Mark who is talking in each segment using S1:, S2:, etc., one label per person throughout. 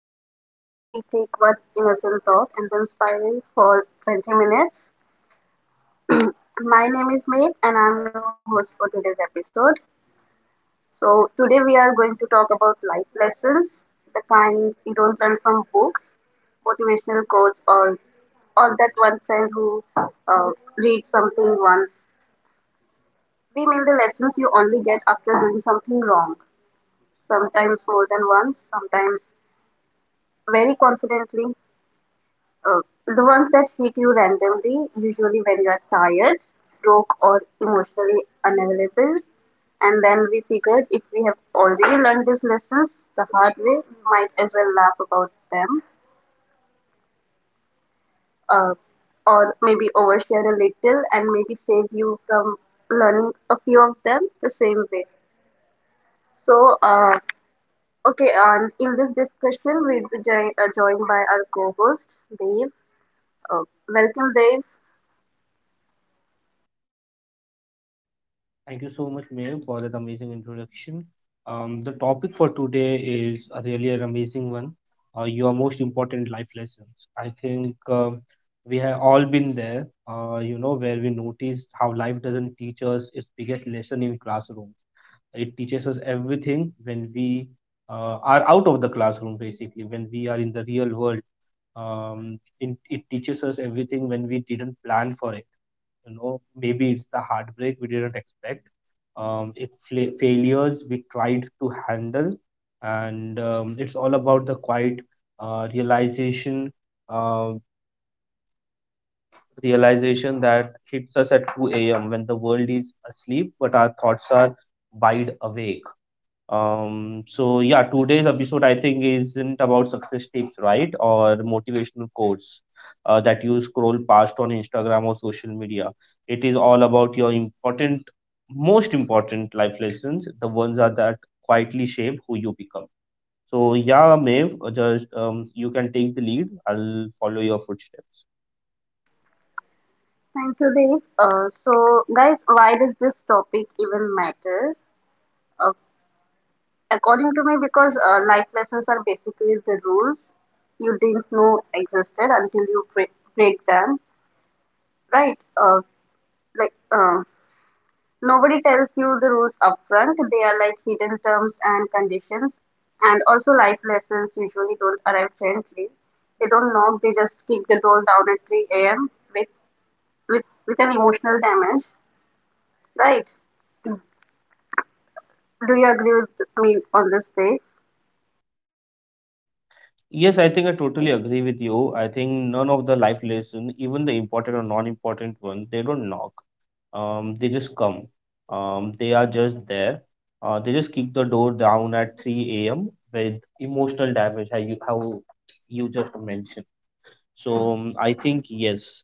S1: podcast where we take one innocent thought and then spiral for 20 minutes. My name is Meg and I'm your host for today's episode. So today we are going to talk about life lessons, the kind you don't learn from books, motivational quotes or that one friend who reads something once. We mean the lessons you only get after doing something wrong, sometimes more than once, sometimes very confidently. Uh, the ones that hit you randomly, usually when you are tired, broke, or emotionally unavailable. And then we figured if we have already learned these lessons the hard way, we might as well laugh about them, uh, or maybe overshare a little and maybe save you from learning a few of them the same way. So, okay, and in this discussion, we'll be joined by our co host, Dave. Uh, welcome, Dave.
S2: Thank you so much, Mayor, for that amazing introduction. The topic for today is a really an amazing one. Your most important life lessons. I think we have all been there. You know, where we noticed how life doesn't teach us its biggest lesson in classrooms. It teaches us everything when we are out of the classroom, basically when we are in the real world. It teaches us everything when we didn't plan for it. Maybe it's the heartbreak we didn't expect, failures we tried to handle, and it's all about the quiet uh, realization uh, realization that hits us at 2 a.m. when the world is asleep but our thoughts are wide awake. So yeah, today's episode, I think, isn't about success tips, right? Or motivational quotes that you scroll past on Instagram or social media. It is all about your important, most important life lessons, the ones are that quietly shape who you become. So yeah, Maeve, just you can take the lead. I'll follow your footsteps.
S1: Thank you, Dave. So, guys, why does this topic even matter? Uh, according to me, because life lessons are basically the rules you didn't know existed until you break them, right? Like, uh, nobody tells you the rules upfront, they are like hidden terms and conditions. And also, life lessons usually don't arrive gently. They don't knock, they just kick the door down at 3 a.m. with, with, with an emotional damage, right? Do you agree with me on this, Dave?
S2: Yes, I think I totally agree with you. I think none of the life lessons, even the important or non-important ones, they don't knock. They just come. They are just there. They just kick the door down at 3 a.m. with emotional damage, how you just mentioned. So I think yes.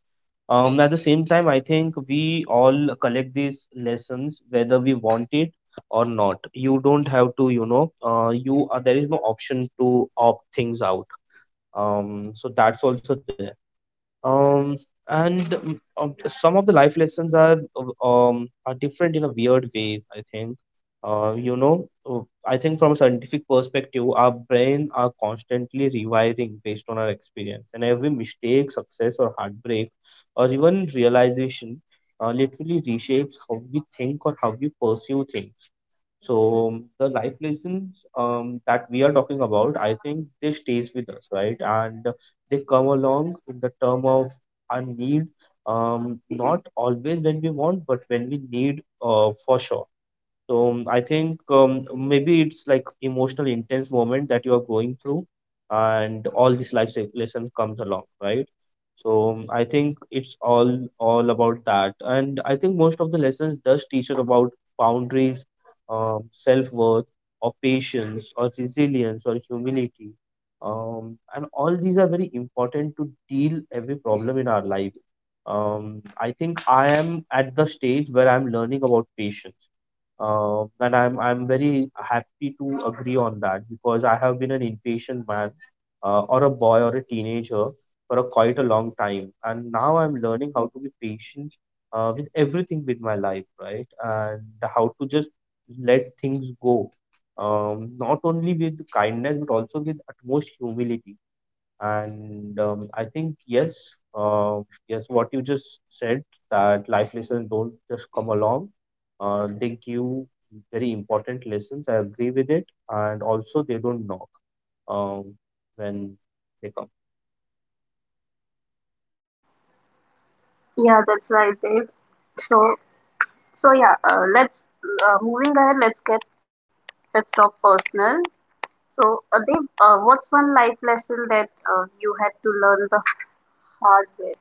S2: At the same time, I think we all collect these lessons whether we want it or not. You don't have to, you know, you there is no option to opt things out. So that's also there. Um, and Some of the life lessons are different in a weird ways, I think. Uh, you know, uh, I think from a scientific perspective, our brain are constantly rewiring based on our experience, and every mistake, success, or heartbreak, or even realization, literally reshapes how we think or how we pursue things. So the life lessons that we are talking about, I think they stays with us, right? And they come along in the term of our need, not always when we want, but when we need, for sure. So I think maybe it's like emotional intense moment that you are going through, and all these lesson comes along, right? So I think it's all about that, and I think most of the lessons does teach us about boundaries, self worth, or patience, or resilience, or humility, and all these are very important to deal every problem in our life. Um, I think I am at the stage where I'm learning about patience, and I'm very happy to agree on that because I have been an impatient man, or a boy or a teenager for a quite a long time, and now I'm learning how to be patient with everything with my life, right? And how to just let things go, not only with kindness but also with utmost humility. And I think yes, yes, what you just said, that life lessons don't just come along. They give very important lessons. I agree with it, and also they don't knock, um, when they come.
S1: Yeah, that's right, Dave. So, so yeah, let's moving ahead. Let's talk personal. So, Dave, what's one life lesson that you had to learn the hard way?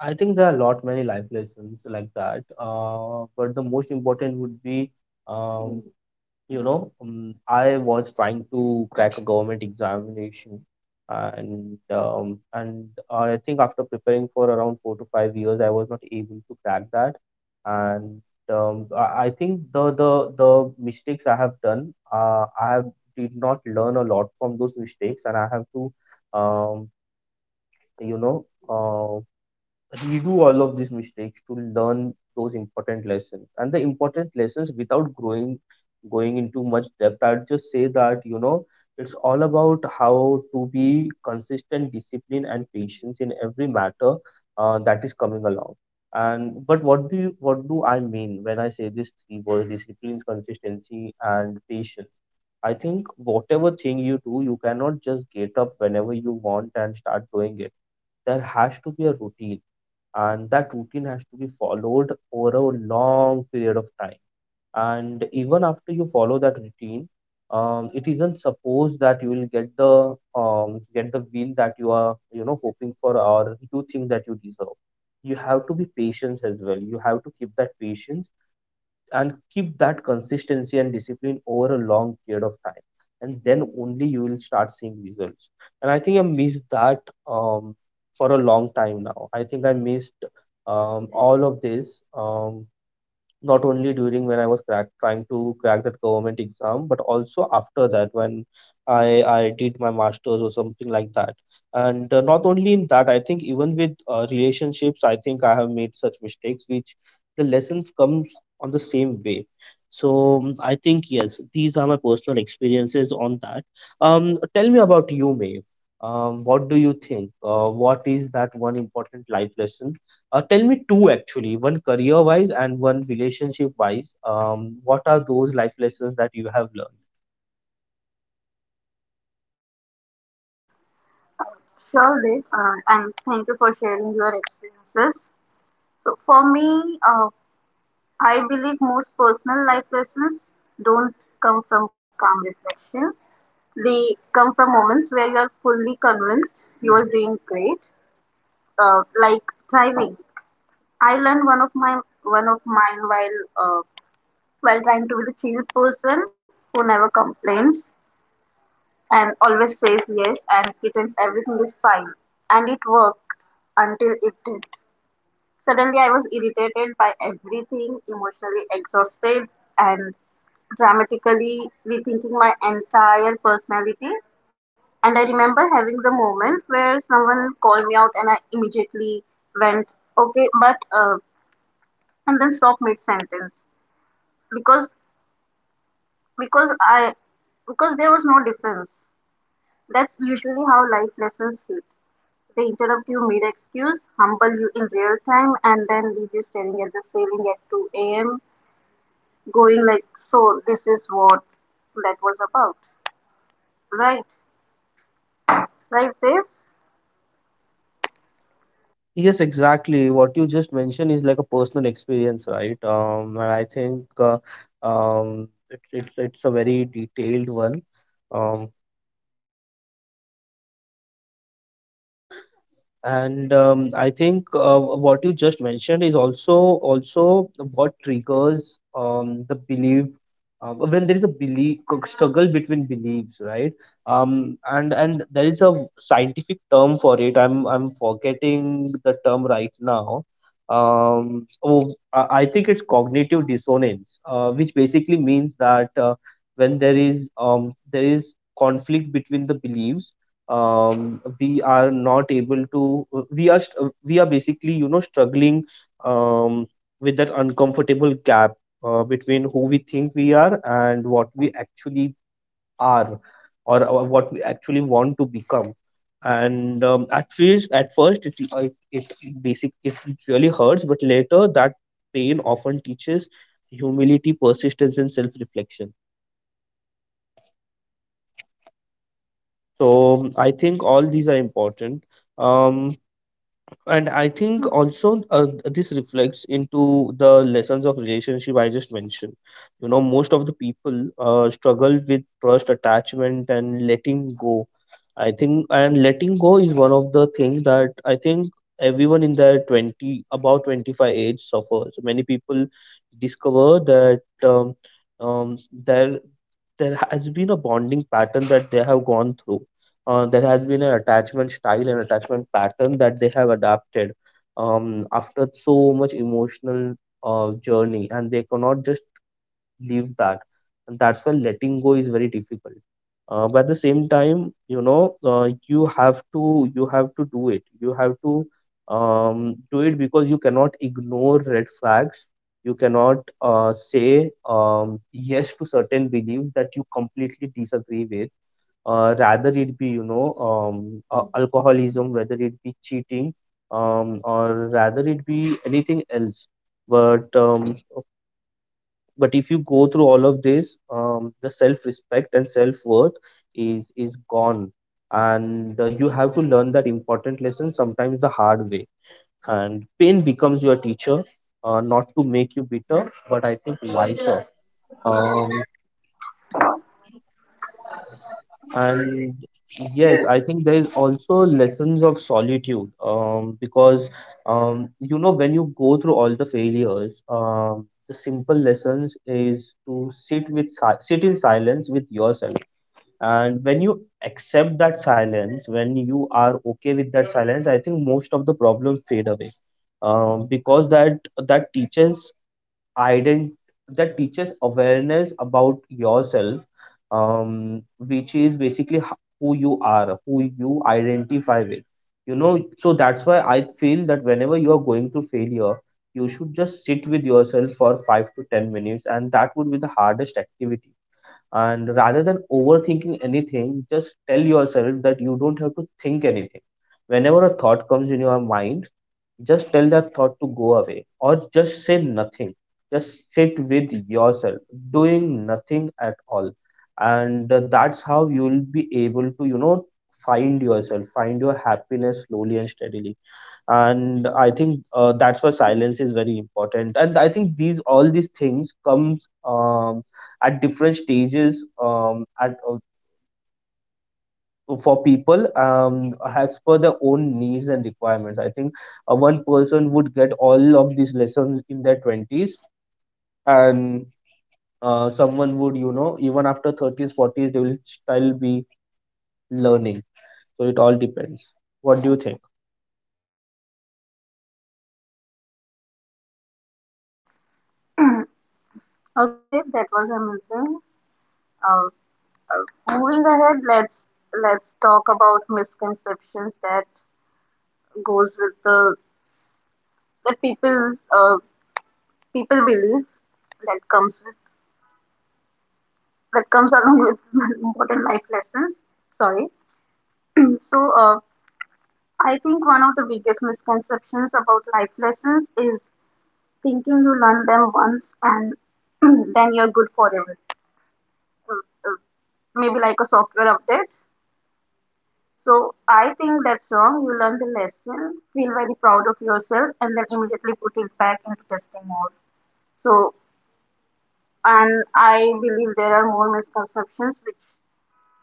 S2: I think there are a lot many life lessons like that. But the most important would be, um, I was trying to crack a government examination, and I think after preparing for around 4 to 5 years, I was not able to crack that. And I think the mistakes I have done, I have did not learn a lot from those mistakes, and I have to, um, you know, uh, we do all of these mistakes to learn those important lessons and the important lessons without growing going into much depth. I'd just say that it's all about how to be consistent, discipline, and patience in every matter that is coming along. And but what do I mean when I say these three words: discipline, consistency, and patience? I think whatever thing you do, you cannot just get up whenever you want and start doing it. There has to be a routine, and that routine has to be followed over a long period of time. And even after you follow that routine, it isn't supposed that you will get the win that you are hoping for, or you think that you deserve. You have to be patient as well. You have to keep that patience and keep that consistency and discipline over a long period of time, and then only you will start seeing results. And I think I missed that um, for a long time. Now I think I missed all of this, not only during when I was trying to crack that government exam, but also after that when I did my masters or something like that. And not only in that, I think even with relationships, I think I have made such mistakes, which the lessons comes on the same way. So I think yes, these are my personal experiences on that. Tell me about you, Maeve. What do you think? What is that one important life lesson? Tell me two, actually, one career wise and one relationship wise. What are those life lessons that you have learned?
S1: Sure, Dave, and thank you for sharing your experiences. So, for me, I believe most personal life lessons don't come from calm reflection. They come from moments where you are fully convinced you are doing great, like thriving. I learned one of mine while trying to be the chill person who never complains and always says yes and pretends everything is fine. And it worked until it did. Suddenly, I was irritated by everything, emotionally exhausted, and dramatically rethinking my entire personality. And I remember having the moment where someone called me out, and I immediately went, "Okay, but," and then stopped mid sentence because because I because there was no difference. That's usually how life lessons hit. They interrupt you mid excuse, humble you in real time, and then leave you staring at the ceiling at 2 a.m., going like, "So, this is what that was about." Right? Right, Dave?
S2: Yes, exactly. What you just mentioned is like a personal experience, right? And I think, it's a very detailed one. Um, And I think what you just mentioned is also what triggers the belief, when there is a belief struggle between beliefs, right? And there is a scientific term for it. I'm forgetting the term right now. Oh, I think it's cognitive dissonance, which basically means that when there is conflict between the beliefs, we are not able to, we are basically struggling um, with that uncomfortable gap, between who we think we are and what we actually are, or what we actually want to become. And at first it really hurts, but later that pain often teaches humility, persistence, and self reflection so I think all these are important. um and I think also, this reflects into the lessons of relationship I just mentioned. You know, most of the people struggle with trust, attachment, and letting go. I think, and letting go is one of the things that I think everyone in their 20, about 25 age suffers. Many people discover that their there has been a bonding pattern that they have gone through, there has been an attachment style and attachment pattern that they have adapted after so much emotional journey, and they cannot just leave that. And that's why letting go is very difficult. But at the same time, you know, you have to do it. You have to, do it because you cannot ignore red flags. You cannot say yes to certain beliefs that you completely disagree with, rather it be alcoholism, whether it be cheating, or rather it be anything else. But um, but if you go through all of this, the self respect and self worth is gone. And you have to learn that important lesson sometimes the hard way, and pain becomes your teacher, not to make you bitter but I think wiser. And
S1: Yes.
S2: yes, I think there is also lessons of solitude, because you know, when you go through all the failures, the simple lessons is to sit in silence with yourself. And when you accept that silence, when you are okay with that silence, I think most of the problems fade away. Because that teaches ident- that teaches awareness about yourself, which is basically who you are, who you identify with. You know, so that's why I feel that whenever you are going through failure, you should just sit with yourself for 5 to 10 minutes, and that would be the hardest activity. And rather than overthinking anything, just tell yourself that you don't have to think anything. Whenever a thought comes in your mind, just tell that thought to go away or just say nothing. Just sit with yourself, doing nothing at all. And that's how you will be able to find yourself, find your happiness slowly and steadily. And I think that's why silence is very important. And I think these all these things comes at different stages, at for people, as per their own needs and requirements, I think. One person would get all of these lessons in their 20s, and someone would, even after 30s 40s they will still be learning. So it all depends. What do you think?
S1: Okay, Dave, that was amazing. Uh, moving ahead, let's talk about misconceptions that goes with the that people people believe that comes with that comes along with important life lessons. Sorry. So, I think one of the biggest misconceptions about life lessons is thinking you learn them once and then you're good forever. Uh, uh, Maybe like a software update. So, I think that's wrong. You learn the lesson, feel very proud of yourself, and then immediately put it back into testing mode. So, and I believe there are more misconceptions which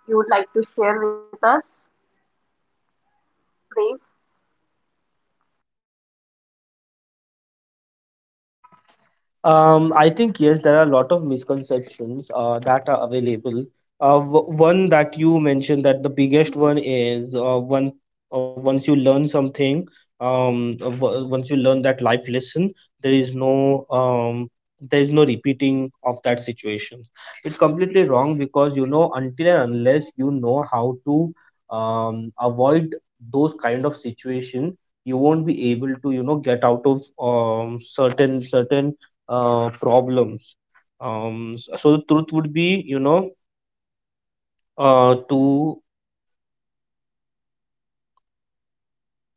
S1: you would like to share with us, Dave.
S2: I think yes, there are a lot of misconceptions that are available. One that you mentioned, that the biggest one is, one once you learn something, once you learn that life lesson, there is no um, there is no repeating of that situation. It's completely wrong, because until and unless you know how to avoid those kind of situation, you won't be able to, get out of certain problems. So the truth would be, to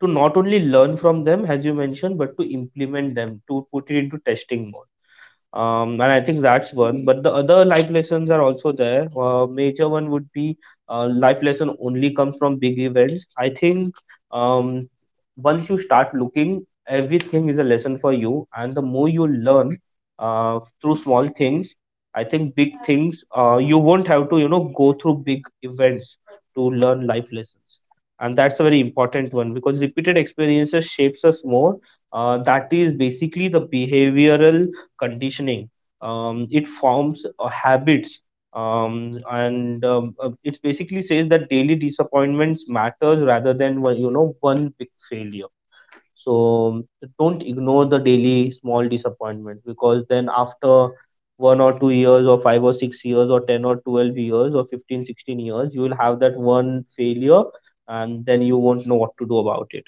S2: not only learn from them, as you mentioned, but to implement them, to put it into testing mode. And I think that's one. But the other life lessons are also there. Major one would be, life lesson only comes from big events. I think, um, once you start looking, everything is a lesson for you. And the more you learn, through small things, I think big things, you won't have to, go through big events to learn life lessons. And that's a very important one, because repeated experiences shapes us more. That is basically the behavioral conditioning. It forms habits, and it basically says that daily disappointments matters rather than one big failure. So, don't ignore the daily small disappointments, because then after 1 or 2 years, or 5 or 6 years, or 10 or 12 years, or 15 16 years, you will have that one failure, and then you won't know what to do about it.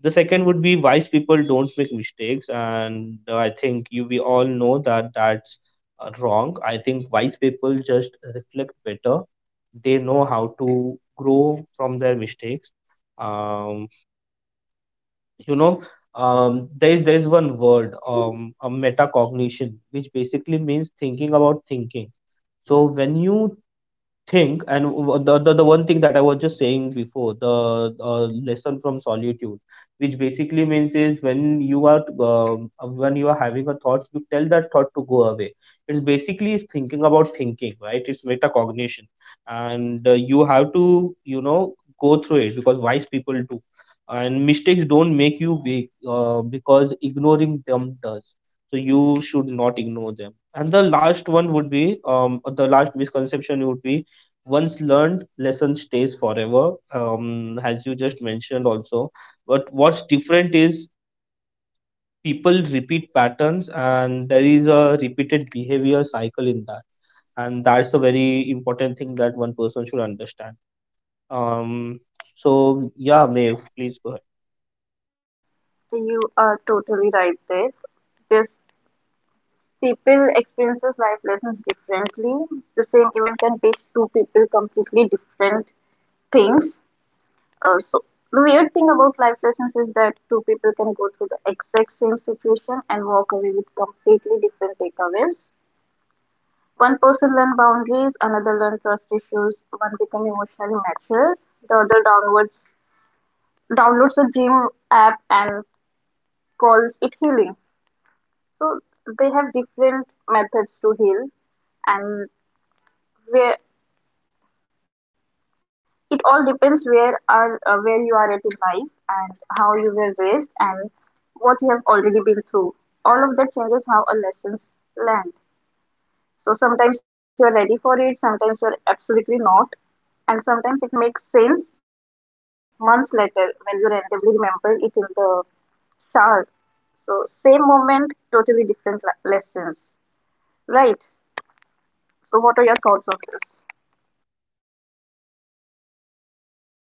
S2: The second would be, wise people don't make mistakes, and I think you we all know that that's wrong. I think wise people just reflect better. They know how to grow from their mistakes. um, you know there is one word, a metacognition, which basically means thinking about thinking. So when you think and the, the one thing that I was just saying before, the lesson from solitude, which basically means is, when you are having a thought, you tell that thought to go away. It's basically is thinking about thinking, right? It's metacognition. And you have to, you know go through it, because wise people do. And mistakes don't make you weak, because ignoring them does. So you should not ignore them. And the last one would be, the last misconception would be, once learned lesson stays forever, as you just mentioned also. But what's different is, people repeat patterns and there is a repeated behavior cycle in that. And that's a very important thing that one person should understand. um, so yeah, Maeve, please go ahead.
S1: You are totally right there. This people experiences life lessons differently. The same event can teach two people completely different things. So the weird thing about life lessons is that two people can go through the exact same situation and walk away with completely different takeaways. One person learned boundaries, another learned trust issues, one became emotionally mature, the other downwards downloads a gym app and calls it healing. So they have different methods to heal, and where it all depends where you are at in life and how you were raised and what you have already been through. All of that changes how a lessons land. So sometimes you are ready for it, sometimes you are absolutely not, and sometimes it makes sense months later when you randomly remember it in the shower. So same moment, totally different lessons, right? So what are your thoughts on this?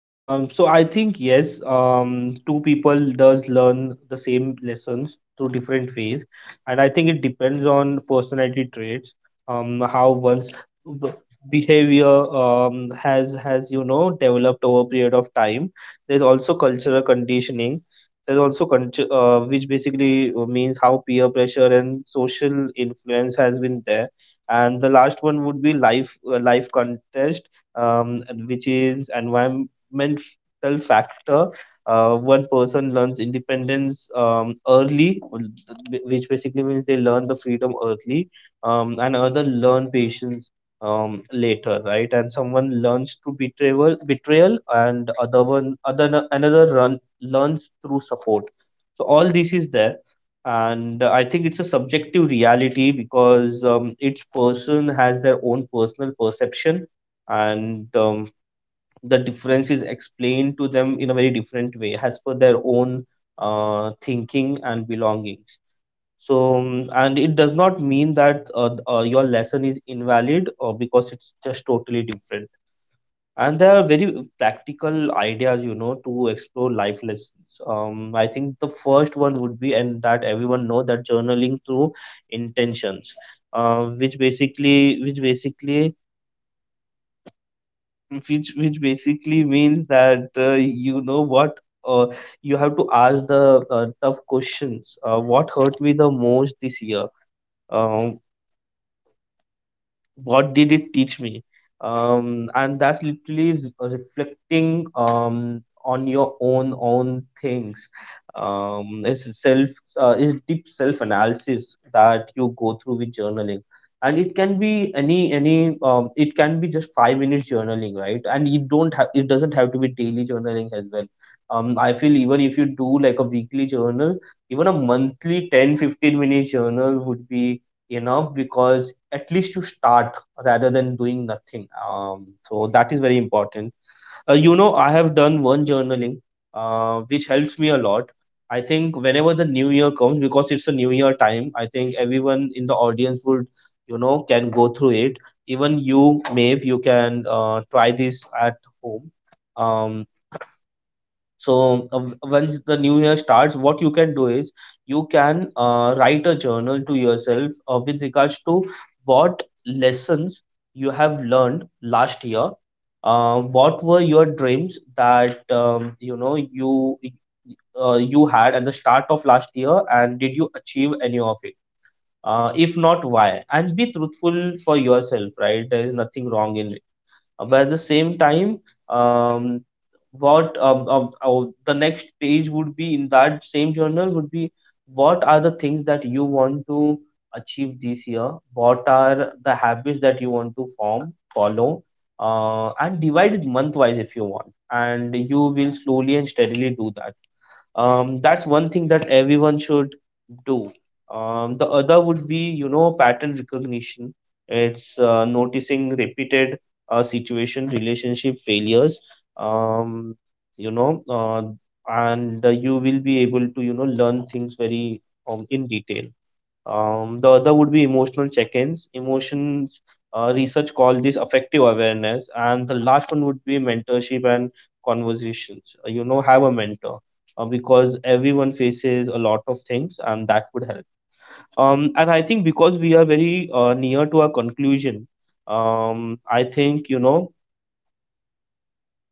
S2: So I think yes, two people does learn the same lessons through different ways, and I think it depends on personality traits, how one's b- behavior has developed over a period of time. There's also cultural conditioning. There's also culture, which basically means how peer pressure and social influence has been there. And the last one would be life context, and which is environmental factor. One person learns independence early, well, which basically means they learn the freedom early, and other learn patience later, right? And someone learns through betrayal, and other one, other another run learns through support. So all this is there, and I think it's a subjective reality, because each person has their own personal perception. And the difference is explained to them in a very different way, as per their own thinking and belongings. So and it does not mean that, your lesson is invalid, or because it's just totally different. And there are very practical ideas, to explore life lessons. I think the first one would be, and that everyone know, that journaling through intentions, which basically which basically which basically means that, what, you have to ask the tough questions. What hurt me the most this year? Um, what did it teach me? And that's literally reflecting on your own things. It's self, it's deep self analysis that you go through with journaling. And it can be any it can be just 5 minutes journaling, right? And you don't have it doesn't have to be daily journaling as well. I feel even if you do like a weekly journal, even a monthly 10 15 minute journal would be enough, because at least you start rather than doing nothing. So that is very important. I have done one journaling, which helps me a lot. I think whenever the new year comes, because it's a new year time, I think everyone in the audience would you know can go through it. Even you, Maeve, you can try this at home. um, so, once the new year starts, what you can do is, you can write a journal to yourself, with regards to what lessons you have learned last year. What were your dreams that, you had at the start of last year, and did you achieve any of it? If not, why? And be truthful for yourself, right? There is nothing wrong in, but at the same time, um, what the next page would be in that same journal would be, what are the things that you want to achieve this year? What are the habits that you want to form, follow? And divide it month wise if you want, and you will slowly and steadily do that. That's one thing that everyone should do. The other would be, pattern recognition. It's noticing repeated situation relationship failures. Um, you know and You will be able to, learn things very in detail. The other would be emotional check-ins. Emotions, research call this affective awareness. And the last one would be mentorship and conversations. Have a mentor, because everyone faces a lot of things, and that would help. And I think, because we are very near to our conclusion, I think, you know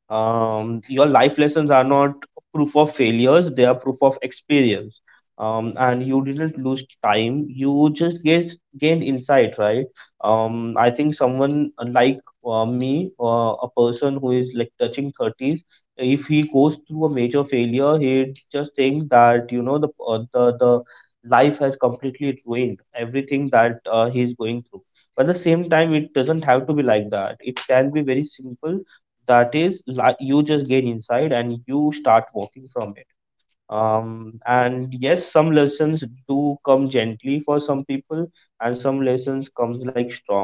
S2: um, your life lessons are not proof of failures, they are proof of experience. And you didn't lose time, you just get gained insight, right? I think someone like, me, a person who is like touching 30s, if he goes through a major failure, he just thinks that, the life has completely ruined everything that he is going through. But at the same time, it doesn't have to be like that. It can be very simple, that is like, you just gain insight and you start walking from it. And yes, some lessons do come gently for some people, and some lessons comes like storm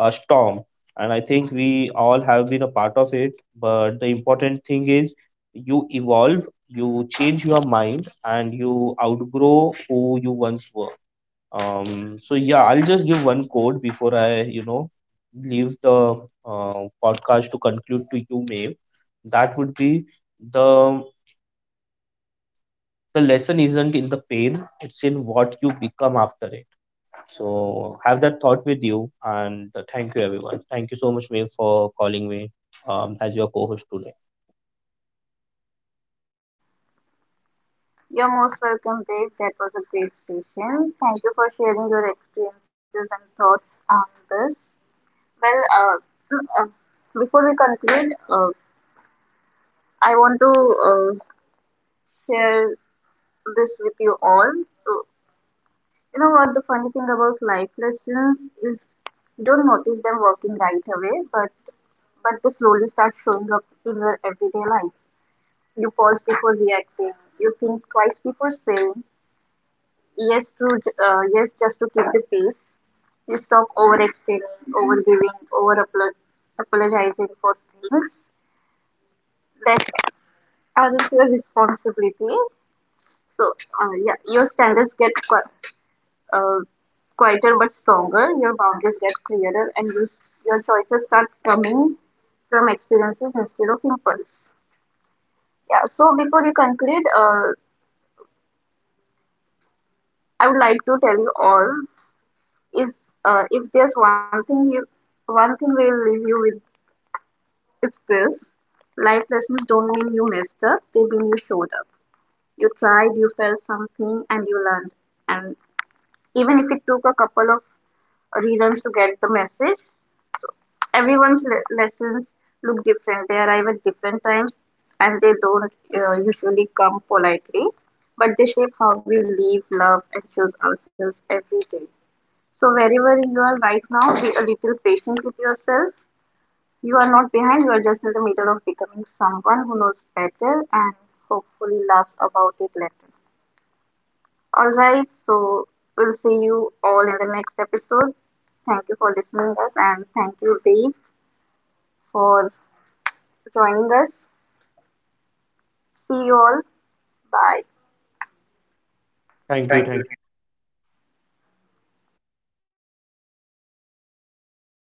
S2: a storm And I think we all have been a part of it. But the important thing is, you evolve, you change your mind, and you outgrow who you once were. So yeah, I'll just give one quote before I, leave the podcast to conclude to you, Maeve. That would be— the the lesson isn't in the pain; it's in what you become after it. So have that thought with you. And thank you, everyone. Thank you so much, Maeve, for calling me, as your co-host today.
S1: You're most welcome, Dave. That was a great session. Thank you for sharing your experiences and thoughts on this. Well, uh, mm, uh, before we conclude, I want to share this with you all. So, you know what the funny thing about life lessons is, you don't notice them working right away, but they slowly start showing up in your everyday life. You pause before reacting. You think twice before saying yes, to yes, just to keep the peace. You stop over explaining, over giving, apologizing for things that aren't your responsibility. So, yeah, your standards get qui- uh, quieter but stronger. Your boundaries get clearer, and your choices start coming from experiences instead of impulse. Yeah. So before you conclude, I would like to tell you all is if there's one thing will leave you with. If this, life lessons don't mean you messed up, they mean you showed up. You tried, you felt something, and you learned. And even if it took a couple of reruns to get the message, everyone's lessons look different. They arrive at different times and they don't usually come politely, but they shape how we live, love, and choose ourselves every day. So, wherever you are right now, be a little patient with yourself. You are not behind, you are just in the middle of becoming someone who knows better and hopefully laughs about it later. Alright, so we'll see you all in the next episode. Thank you for listening us and thank you Dave for joining us. See you all. Bye.
S2: Thank you,
S1: Thank you.
S2: thank you.